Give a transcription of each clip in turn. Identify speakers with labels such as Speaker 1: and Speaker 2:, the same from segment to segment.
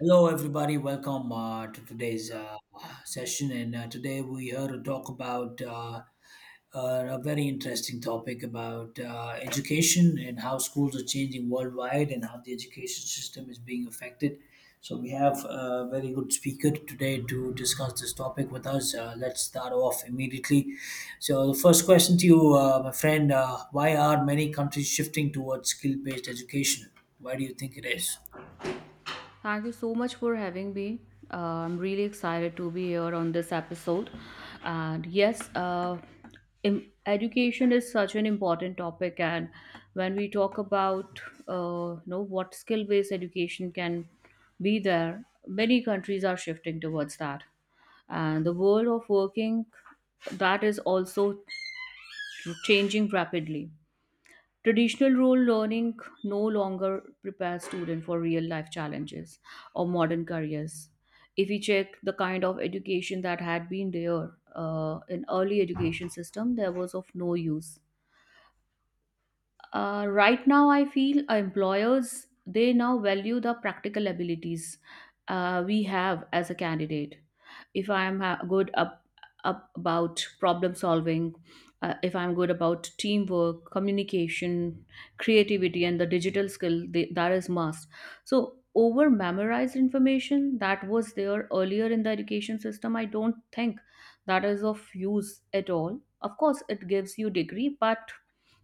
Speaker 1: Hello, everybody. Welcome to today's session. And today we here to talk about a very interesting topic about education and how schools are changing worldwide and how the education system is being affected. So we have a very good speaker today to discuss this topic with us. Let's start off immediately. So the first question to you, my friend: why are many countries shifting towards skill-based education? Why do you think it is?
Speaker 2: Thank you so much for having me. I'm really excited to be here on this episode. And yes, education is such an important topic. And when we talk about, what skill-based education can be there, many countries are shifting towards that. And the world of working, that is also changing rapidly. Traditional role learning no longer prepares students for real life challenges or modern careers. If we check the kind of education that had been there in early education system, there was of no use. Right now I feel employers they now value the practical abilities we have as a candidate. If I am good up, up about problem solving, if I'm good about teamwork communication creativity and the digital skill they, that is must. So over memorized information that was there earlier in the education system I don't think that is of use at all. Of course it gives you degree, but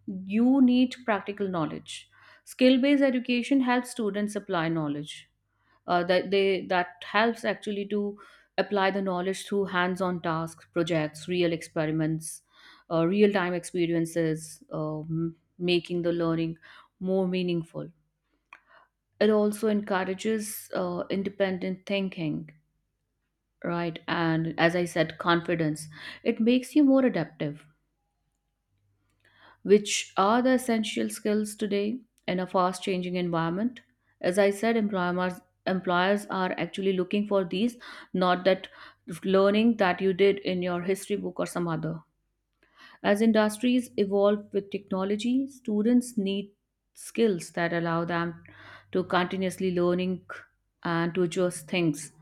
Speaker 2: you need practical knowledge. Skill based education helps students apply knowledge. That they that helps actually to apply the knowledge through hands on tasks, projects, real experiments, real time experiences, making the learning more meaningful. It also encourages independent thinking, right? And as I said, confidence. It makes you more adaptive which are the essential skills today in a fast changing environment. As I said, employers are actually looking for these, not that learning that you did in your history book or some other. As industries evolve with technology, students need skills that allow them to continuously learning and to adjust things.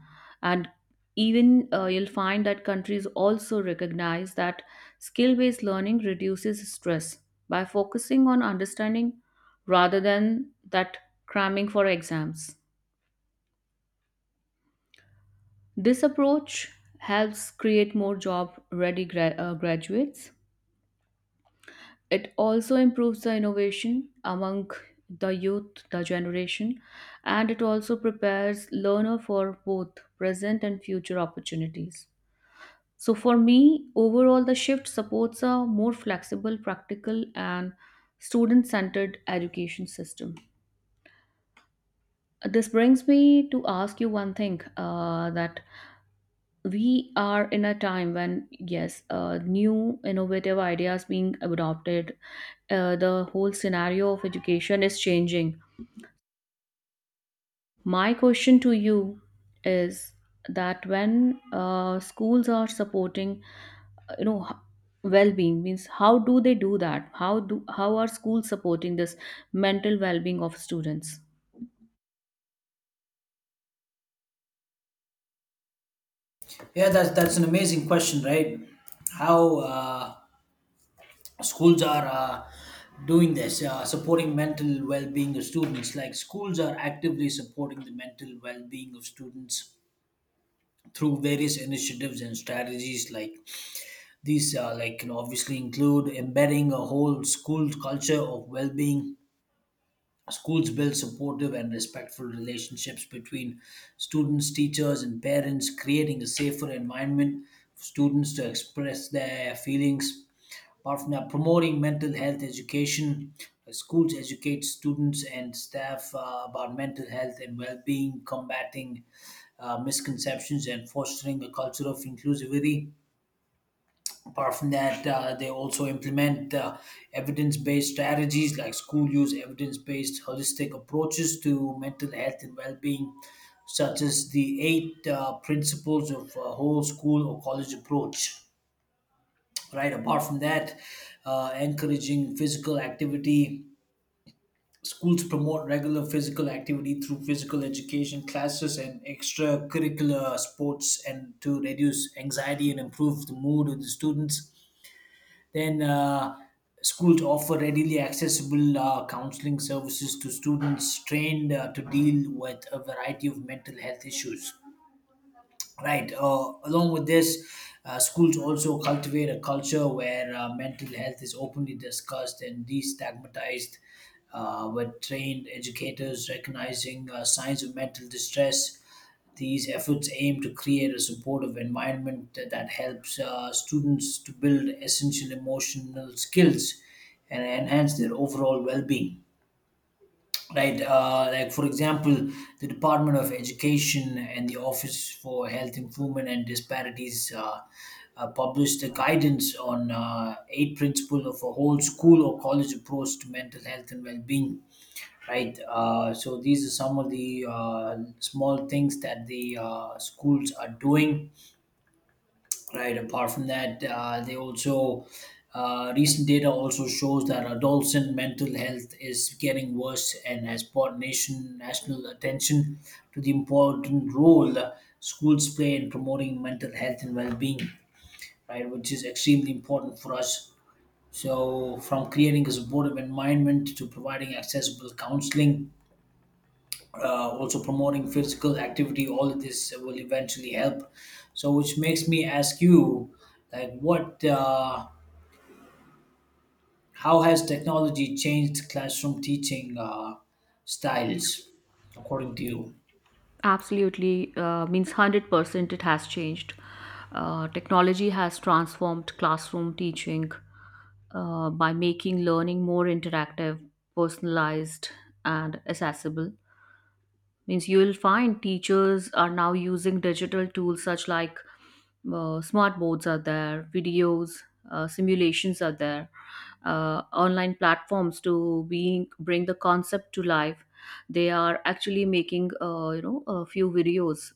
Speaker 2: And even you'll find that countries also recognize that skill based learning reduces stress by focusing on understanding rather than that cramming for exams. This approach helps create more job ready graduates. It also improves the innovation among the youth the generation, and it also prepares learner for both present and future opportunities. So for me overall the shift supports a more flexible practical and student centered education system. This brings me to ask you one thing, that we are in a time when yes, new innovative ideas being adopted, the whole scenario of education is changing. My question to you is that when schools are supporting, uh, you know h- well-being means how do they do that, how do, how are schools supporting this mental well-being of students?
Speaker 1: Yeah, that's an amazing question, right? How schools are doing this, supporting mental well-being of students. Like schools are actively supporting the mental well-being of students through various initiatives and strategies. Like these, obviously include embedding a whole school culture of well-being. Schools build supportive and respectful relationships between students, teachers, and parents, creating a safer environment for students to express their feelings. Apart from that, promoting mental health education. Schools educate students and staff about mental health and well being, combating misconceptions, and fostering a culture of inclusivity. Apart from that, they also implement evidence-based strategies like school use evidence-based holistic approaches to mental health and well-being, such as the eight principles of a whole school or college approach. Right. Apart from that, encouraging physical activity. Schools promote regular physical activity through physical education classes and extracurricular sports, and to reduce anxiety and improve the mood of the students. Then schools offer readily accessible counseling services to students trained to deal with a variety of mental health issues. Right. Along with this, schools also cultivate a culture where mental health is openly discussed and destigmatized, with trained educators recognizing signs of mental distress. These efforts aim to create a supportive environment that helps students to build essential emotional skills and enhance their overall well being, right? Like for example, the Department of Education and the Office for Health Improvement and Disparities published a guidance on eight principles of a whole school or college approach to mental health and well-being, right? So these are some of the small things that the schools are doing, right? Apart from that, they also recent data also shows that adults mental health is getting worse and has brought nation national attention to the important role schools play in promoting mental health and well-being, right? Which is extremely important for us. So, from creating a supportive environment to providing accessible counseling, also promoting physical activity, all of this will eventually help. So which makes me ask you, like what how has technology changed classroom teaching styles according to you?
Speaker 2: Absolutely, means 100% it has changed. Technology has transformed classroom teaching by making learning more interactive, personalized, and accessible. Means you will find teachers are now using digital tools such like smart boards are there, videos, simulations are there, online platforms to being bring the concept to life. They are actually making, a few videos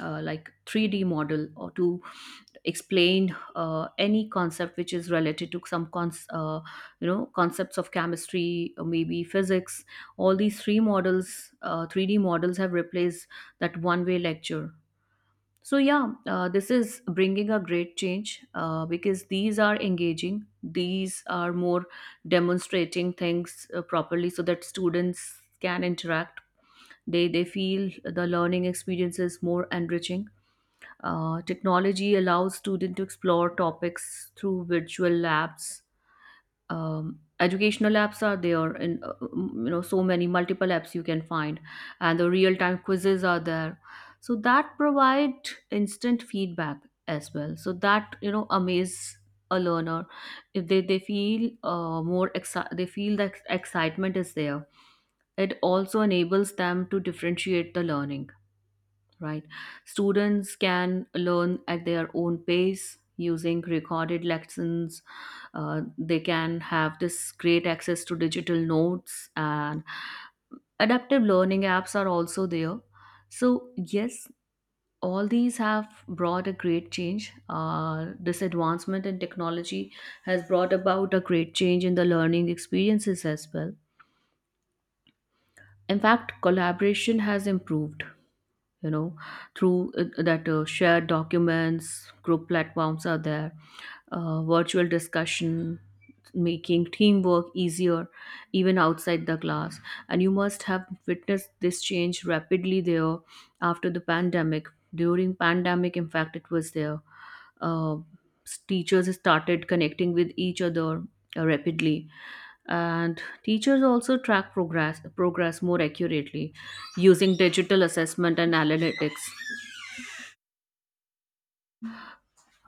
Speaker 2: like 3D model or to explain any concept which is related to some concepts of chemistry or maybe physics. All these three models, 3D models have replaced that one way lecture. So yeah, this is bringing a great change, because these are engaging, these are more demonstrating things properly so that students can interact. They feel the learning experience is more enriching. Technology allows students to explore topics through virtual labs, educational apps are there, and so many multiple apps you can find, and the real time quizzes are there so that provide instant feedback as well, so that you know amaze a learner. If they feel they feel that excitement is there. It also enables them to differentiate the learning, right? Students can learn at their own pace using recorded lessons. They can have this great access to digital notes, and adaptive learning apps are also there. So yes, all these have brought a great change. This advancement in technology has brought about a great change in the learning experiences as well. In fact, collaboration has improved, you know through that shared documents, group platforms are there, virtual discussion, making teamwork easier even outside the class. And you must have witnessed this change rapidly there after the pandemic. During pandemic, in fact, it was there. Uh, teachers started connecting with each other rapidly, and teachers also track progress more accurately using digital assessment and analytics.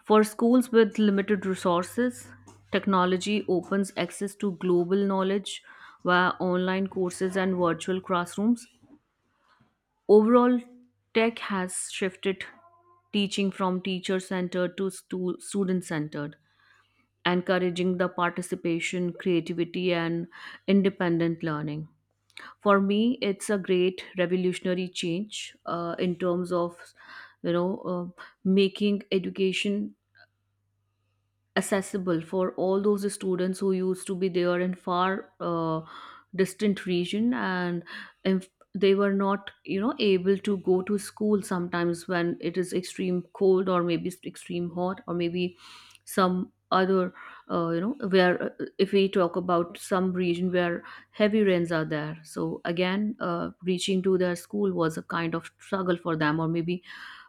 Speaker 2: For schools with limited resources, technology opens access to global knowledge via online courses and virtual classrooms. Overall, tech has shifted teaching from teacher centered to student centered, encouraging the participation, creativity, and independent learning. For me, it's a great revolutionary change in terms of, you know making education accessible for all those students who used to be there in far distant region. And if they were not, you know, able to go to school sometimes when it is extreme cold, or maybe it's extreme hot, or maybe some other, you know where if we talk about some region where heavy rains are there, so again reaching to their school was a kind of struggle for them, or maybe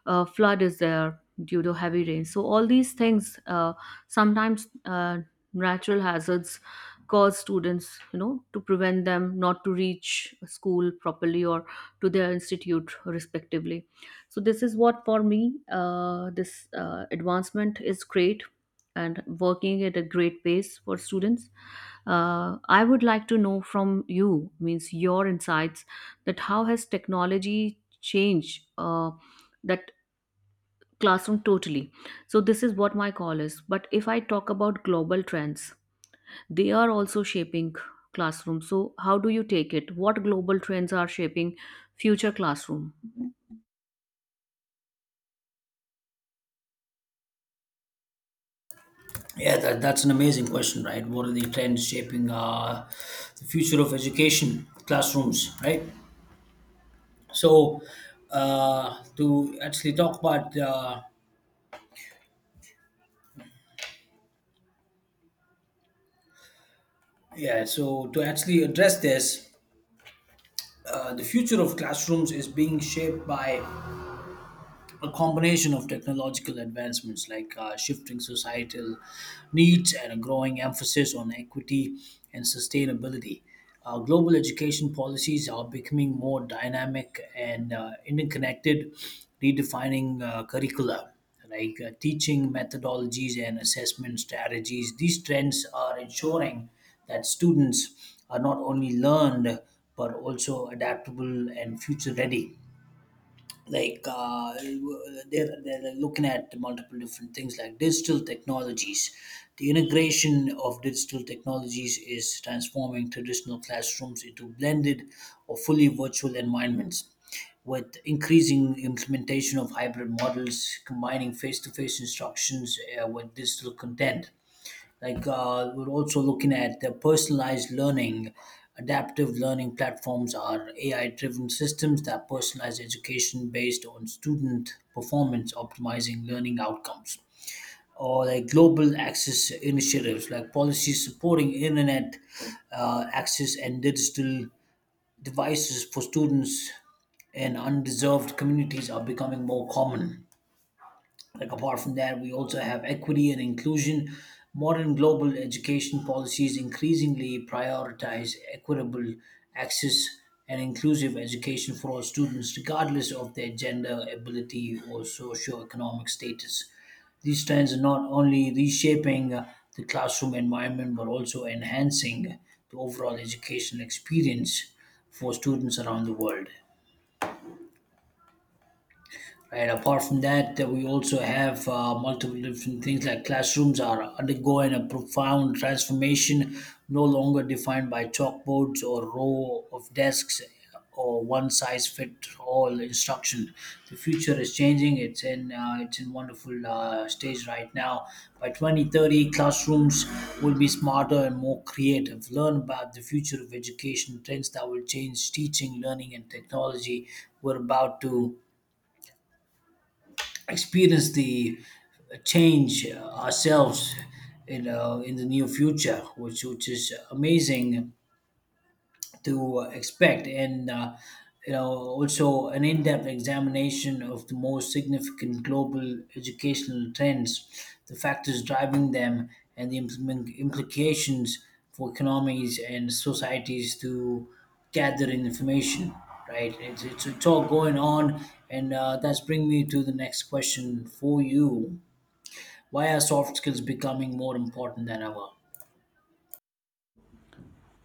Speaker 2: flood is there due to heavy rain. So all these things, sometimes natural hazards cause students, you know, to prevent them not to reach school properly, or to their institute respectively. So this is what for me, this advancement is great and working at a great pace for students. I would like to know from you, means your insights, that how has technology changed, that classroom totally. So this is what my call is. But if I talk about global trends, they are also shaping classroom. So how do you take it, what global trends are shaping future classroom?
Speaker 1: Yeah, that's an amazing question, right? What are the trends shaping the future of education classrooms, right? So to actually talk about yeah so to actually address this, the future of classrooms is being shaped by a combination of technological advancements like shifting societal needs and a growing emphasis on equity and sustainability. Global education policies are becoming more dynamic and interconnected, redefining curricula like teaching methodologies and assessment strategies. These trends are ensuring that students are not only learned but also adaptable and future ready, like they're looking at multiple different things like digital technologies. The integration of digital technologies is transforming traditional classrooms into blended or fully virtual environments with increasing implementation of hybrid models combining face-to-face instructions with digital content. Like we're also looking at the personalized learning, adaptive learning platforms are AI driven systems that personalize education based on student performance optimizing learning outcomes, or like global access initiatives like policies supporting internet access and digital devices for students in undeserved communities are becoming more common. Like apart from that, we also have equity and inclusion. Modern global education policies increasingly prioritize equitable access and inclusive education for all students, regardless of their gender, ability, or socioeconomic status. These trends are not only reshaping the classroom environment but also enhancing the overall educational experience for students around the world. And apart from that, we also have multiple different things like classrooms are undergoing a profound transformation, no longer defined by chalkboards or row of desks or one size fit all instruction. The future is changing. It's in wonderful stage right now. By 2030, classrooms will be smarter and more creative. Learn about the future of education, trends that will change teaching, learning, and technology. We're about to experience the change ourselves, you know, in the near future, which is amazing to expect, and you know, also an in-depth examination of the most significant global educational trends, the factors driving them, and the implications for economies and societies to gather information, right? It's all going on. And that's bringing me to the next question for you: why are soft skills becoming more important than ever?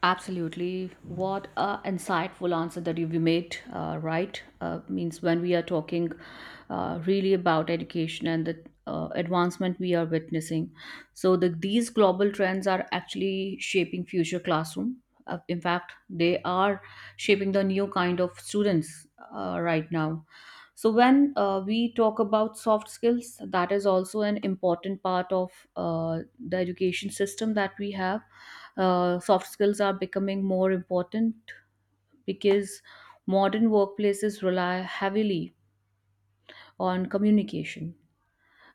Speaker 2: Absolutely. What a insightful answer that you've made, right? Means When we are talking really about education and the advancement we are witnessing. So these global trends are actually shaping future classroom. In fact, they are shaping the new kind of students right now. So when we talk about soft skills, that is also an important part of the education system that we have. Soft skills are becoming more important because modern workplaces rely heavily on communication,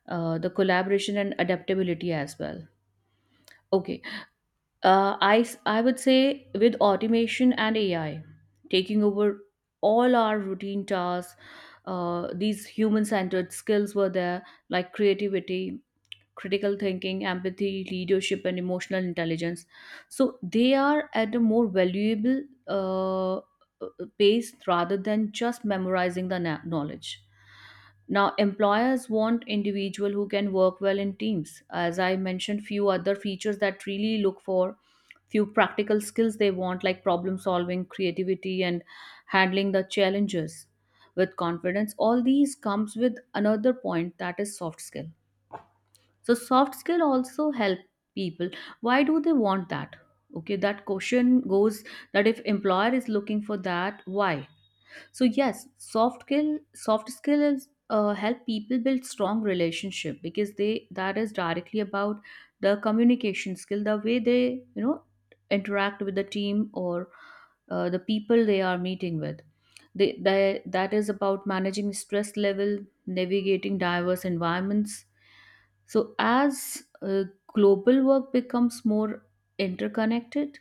Speaker 2: the collaboration, and adaptability as well. Okay, I would say with automation and AI taking over all our routine tasks, these human centered skills were there, like creativity, critical thinking, empathy, leadership, and emotional intelligence. So they are at a more valuable uh, pace rather than just memorizing the knowledge. Now, employers want individual who can work well in teams. As I mentioned, few other features that really look for, few practical skills they want like problem solving, creativity, and handling the challenges with confidence. All these comes with another point, that is soft skill. So soft skill also help people. Why do they want that? Okay, that question goes that if employer is looking for that, why? So yes, soft skill is, help people build strong relationship, because they that is directly about the communication skill, the way they, you know, interact with the team, or the people they are meeting with. That is about managing stress level, navigating diverse environments. So, as global work becomes more interconnected,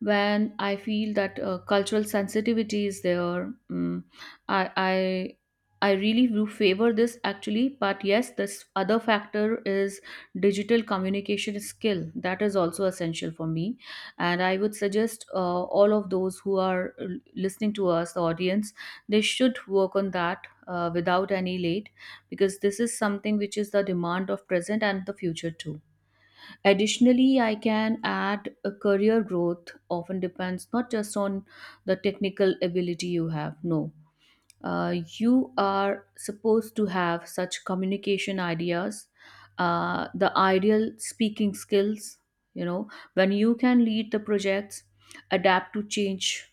Speaker 2: when I feel that cultural sensitivity is there. Mm, I, I I really do favor this actually, but yes, this other factor is digital communication skill. That is also essential for me, and I would suggest all of those who are listening to us, the audience, they should work on that without any late, because this is something which is the demand of present and the future too. Additionally, I can add a career growth often depends not just on the technical ability you have. No, you are supposed to have such communication ideas, the ideal speaking skills. You know, when you can lead the projects, adapt to change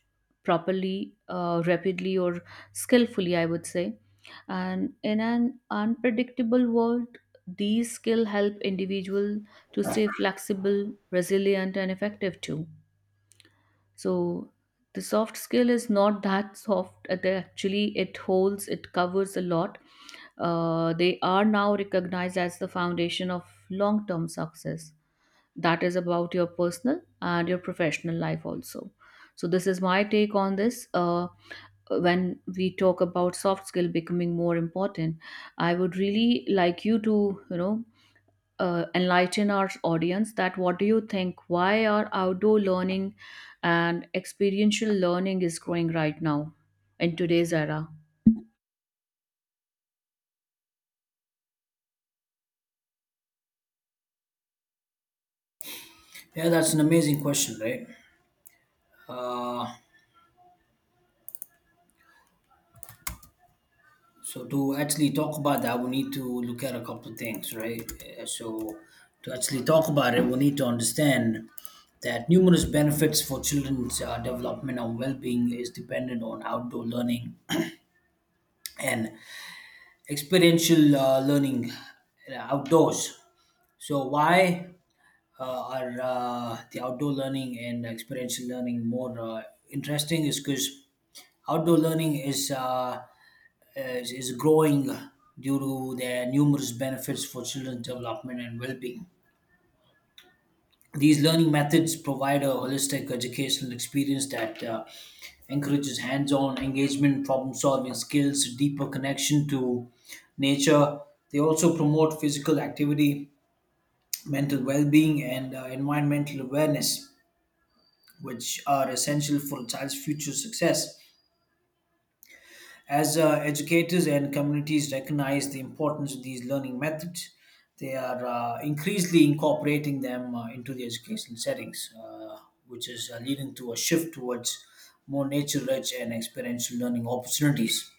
Speaker 2: properly, rapidly, or skillfully, I would say, and in an unpredictable world, these skills help individual to stay flexible, resilient, and effective too. So the soft skill is not that soft. They Actually, it holds, it covers a lot. They are now recognized as the foundation of long-term success. That is about your personal and your professional life also. So this is my take on this. When we talk about soft skill becoming more important, I would really like you to enlighten our audience that what do you think, why are outdoor learning and experiential learning is growing right now in today's era?
Speaker 1: Yeah, that's an amazing question, right. So to actually talk about that, we need to look at a couple of things, right? So to actually talk about it, we need to understand that numerous benefits for children's development and well-being is dependent on outdoor learning and experiential learning outdoors. So why are the outdoor learning and experiential learning more interesting? Is because outdoor learning is growing due to their numerous benefits for children's development and well-being. These learning methods provide a holistic educational experience that encourages hands-on engagement, problem-solving skills, deeper connection to nature. They also promote physical activity, mental well-being, and environmental awareness, which are essential for a child's future success. As educators and communities recognize the importance of these learning methods, they are increasingly incorporating them into the educational settings, which is leading to a shift towards more nature-rich and experiential learning opportunities.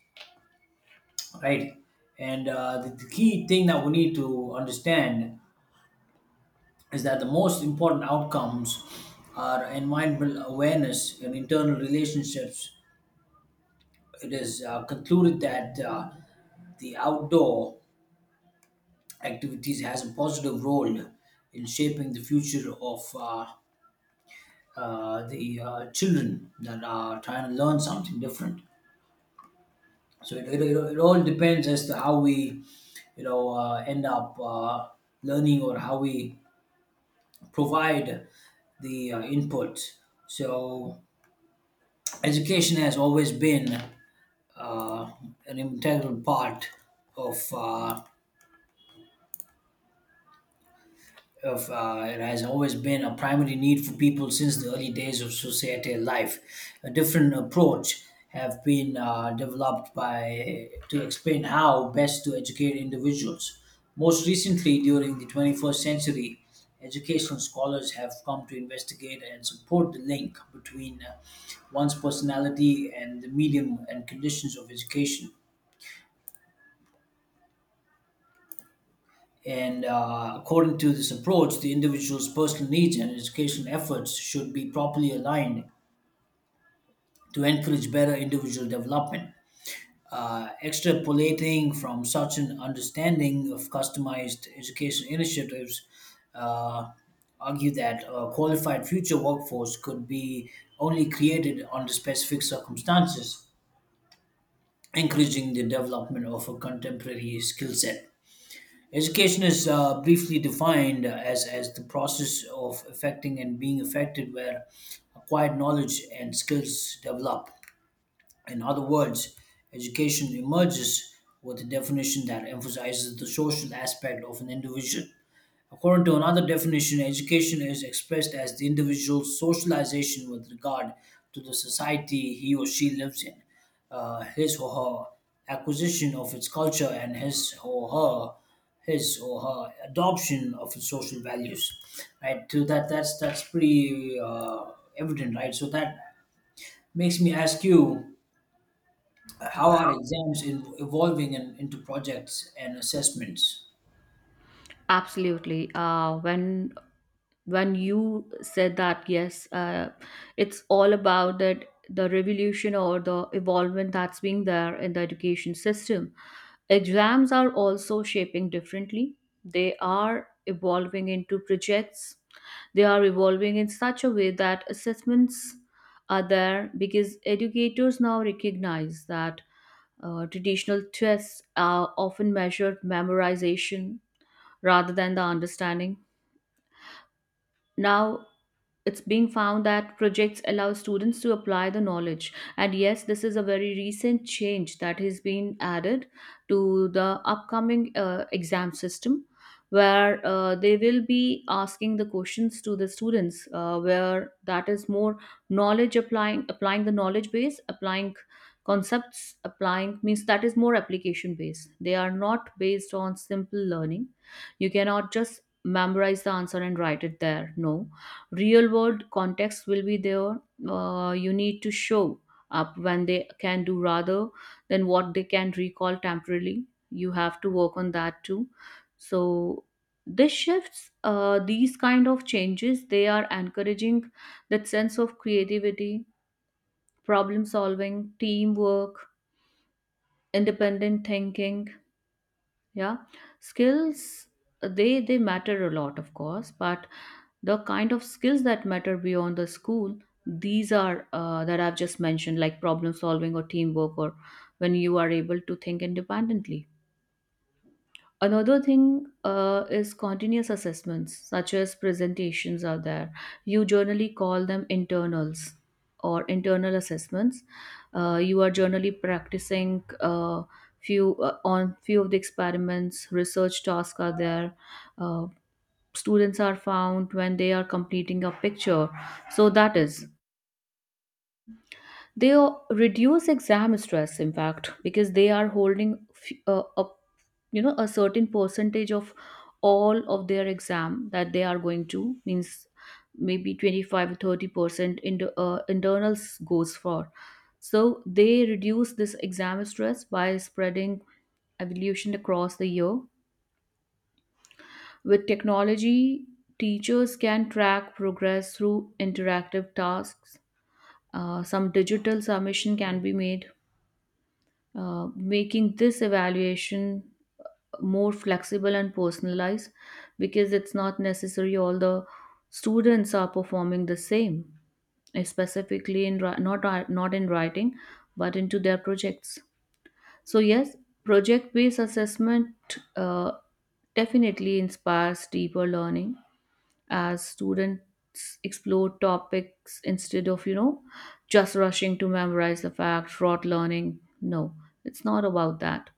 Speaker 1: Right, and the key thing that we need to understand is that the most important outcomes are environmental awareness and internal relationships. It is concluded that. The outdoor activities has a positive role in shaping the future of the children that are trying to learn something different. So it all depends as to how we, you know, end up learning, or how we provide the input. So education has always been uh, an integral part of uh, of it has always been a primary need for people since the early days of societal life. A different approach have been developed by to explain how best to educate individuals. Most recently, during the 21st century, educational scholars have come to investigate and support the link between one's personality and the medium and conditions of education. And according to this approach, the individual's personal needs and educational efforts should be properly aligned to encourage better individual development. Extrapolating from such an understanding of customized education initiatives, uh, argue that a qualified future workforce could be only created under specific circumstances, encouraging the development of a contemporary skill set. Education is briefly defined as the process of affecting and being affected where acquired knowledge and skills develop. In other words, education emerges with a definition that emphasizes the social aspect of an individual. According to another definition, education is expressed as the individual's socialization with regard to the society he or she lives in, his or her acquisition of its culture, and his or her adoption of its social values. Right? So that's pretty evident, right? So that makes me ask you, how are evolving into projects and assessments?
Speaker 2: Absolutely. When you said that, yes, it's all about that. The revolution or the evolvement that's being there in the education system, exams are also shaping differently. They are evolving into projects. They are evolving in such a way that assessments are there, because educators now recognize that traditional tests are often measured memorization rather than the understanding. Now it's being found that projects allow students to apply the knowledge, and yes, this is a very recent change that has been added to the upcoming exam system, where they will be asking the questions to the students, where that is more knowledge applying applying the knowledge base, applying concepts, applying means that is more application based. They are not based on simple learning. You cannot just memorize the answer and write it there. No, real world context will be there. You need to show up when they can do rather than what they can recall temporarily. You have to work on that too. So this shifts, these kind of changes, they are encouraging that sense of creativity, problem solving, teamwork, independent thinking, yeah. Skills, they matter a lot of course, but the kind of skills that matter beyond the school, these are that I've just mentioned, like problem solving or teamwork, or when you are able to think independently. Another thing is continuous assessments such as presentations are there. You generally call them internals or internal assessments. You are generally practicing, few on few of the experiments, research tasks are there. uh, Students are found when they are completing a picture. So that is, they reduce exam stress, in fact, because they are holding a, you know, a certain percentage of all of their exam that they are going to, means maybe 25 or 30% in the, internals goes for. So they reduce this exam stress by spreading evolution across the year. With technology, teachers can track progress through interactive tasks. Some digital submission can be made, making this evaluation more flexible and personalized, because it's not necessary all the students are performing the same, eh, specifically in not in writing, but into their projects. So yes, project-based assessment definitely inspires deeper learning, as students explore topics instead of, you know, just rushing to memorize the fact. Rote learning, no, it's not about that.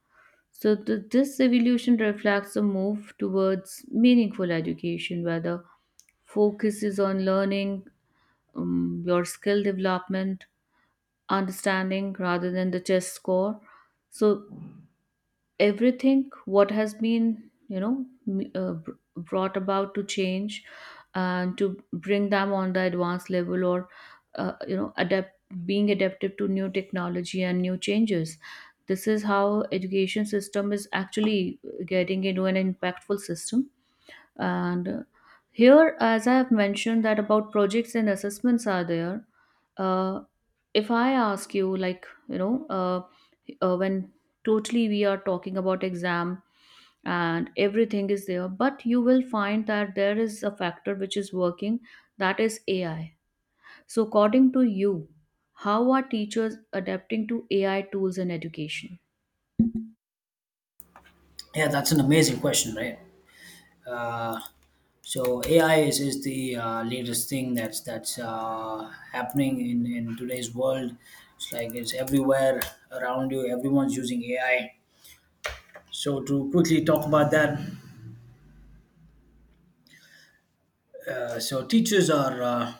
Speaker 2: So this evolution reflects a move towards meaningful education where the focus is on learning, your skill development, understanding rather than the test score. So everything what has been, you know, brought about to change and to bring them on the advanced level, or you know, adapt, being adaptive to new technology and new changes. This is how education system is actually getting into an impactful system. And here, as I have mentioned that about projects and assessments are there, uh, if I ask you, like, when totally we are talking about exam and everything is there, but you will find that there is a factor which is working, that is AI. So according to you, how are teachers adapting to AI tools in education?
Speaker 1: Yeah, that's an amazing question, right? Uh, So AI is the latest thing that's that's happening in today's world. It's like it's everywhere around you. Everyone's using AI. So to quickly talk about that, so teachers are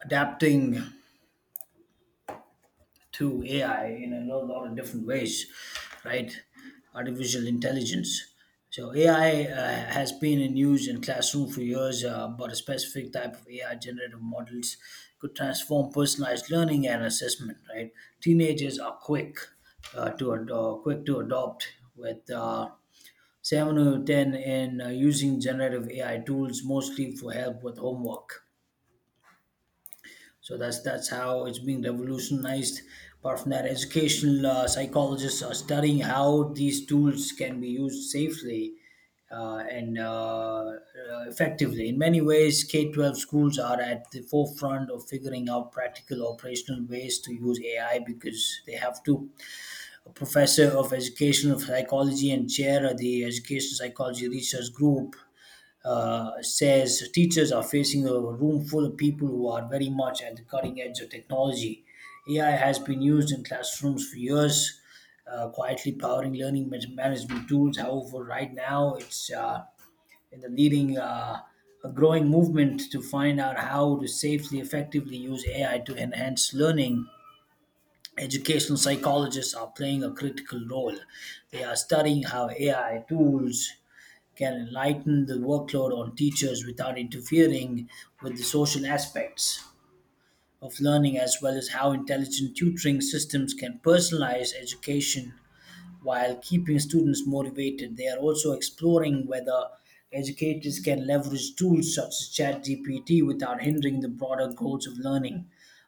Speaker 1: adapting to AI in a lo- lot of different ways, right? Artificial intelligence. So AI has been in use in classroom for years, but a specific type of AI generative models could transform personalized learning and assessment. Right, teenagers are quick quick to adopt with seven out of ten in using generative AI tools mostly for help with homework. So that's how it's being revolutionized. Apart from that, educational psychologists are studying how these tools can be used safely and uh, effectively. In many ways, K 12 schools are at the forefront of figuring out practical operational ways to use AI because they have to. A professor of educational psychology and chair of the educational psychology research group says teachers are facing a room full of people who are very much at the cutting edge of technology. AI has been used in classrooms for years, quietly powering learning management tools. However, right now it's in the leading a growing movement to find out how to safely, effectively use AI to enhance learning. Educational psychologists are playing a critical role. They are studying how AI tools can lighten the workload on teachers without interfering with the social aspects of learning, as well as how intelligent tutoring systems can personalize education while keeping students motivated. They are also exploring whether educators can leverage tools such as ChatGPT without hindering the broader goals of learning.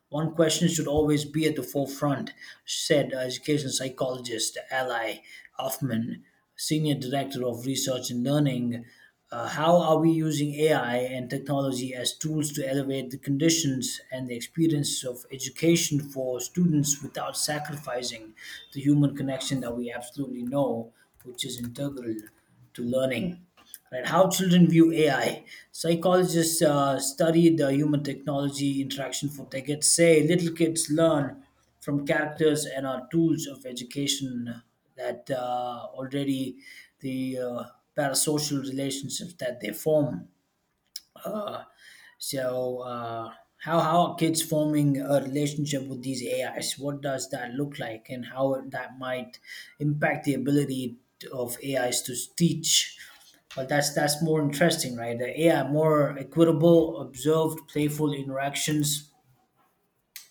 Speaker 1: One question should always be at the forefront, said education psychologist Ally Hoffman, senior director of research and learning. How are we using AI and technology as tools to elevate the conditions and the experience of education for students without sacrificing the human connection that we absolutely know, which is integral to learning? Right, how children view AI. Psychologists study the human technology interaction for decades. Say little kids learn from characters and are tools of education that already the parasocial relationships that they form. So, how are kids forming a relationship with these AIs? What does that look like, and how that might impact the ability of AIs to teach? Well, that's more interesting, right? The AI more equitable, observed, playful interactions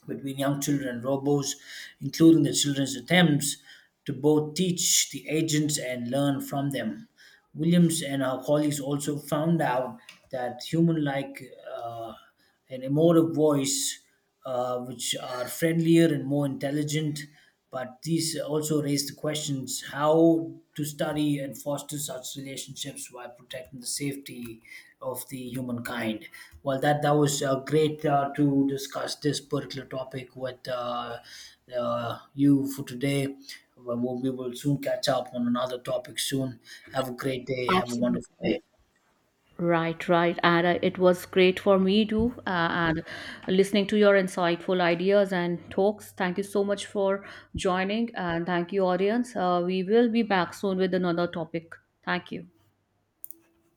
Speaker 1: between young children and robots, including the children's attempts to both teach the agents and learn from them. Williams and her colleagues also found out that human like uh, an emotive voice, which are friendlier and more intelligent, but these also raise the questions how to study and foster such relationships while protecting the safety of the humankind. Well, that was great to discuss this particular topic with you for today. Well, we will soon catch up on another topic soon. Have a great day. Have a wonderful
Speaker 2: Absolutely.
Speaker 1: day.
Speaker 2: Right, right. And it was great for me too. And listening to your insightful ideas and talks. Thank you so much for joining. And thank you, audience. We will be back soon with another topic. Thank you.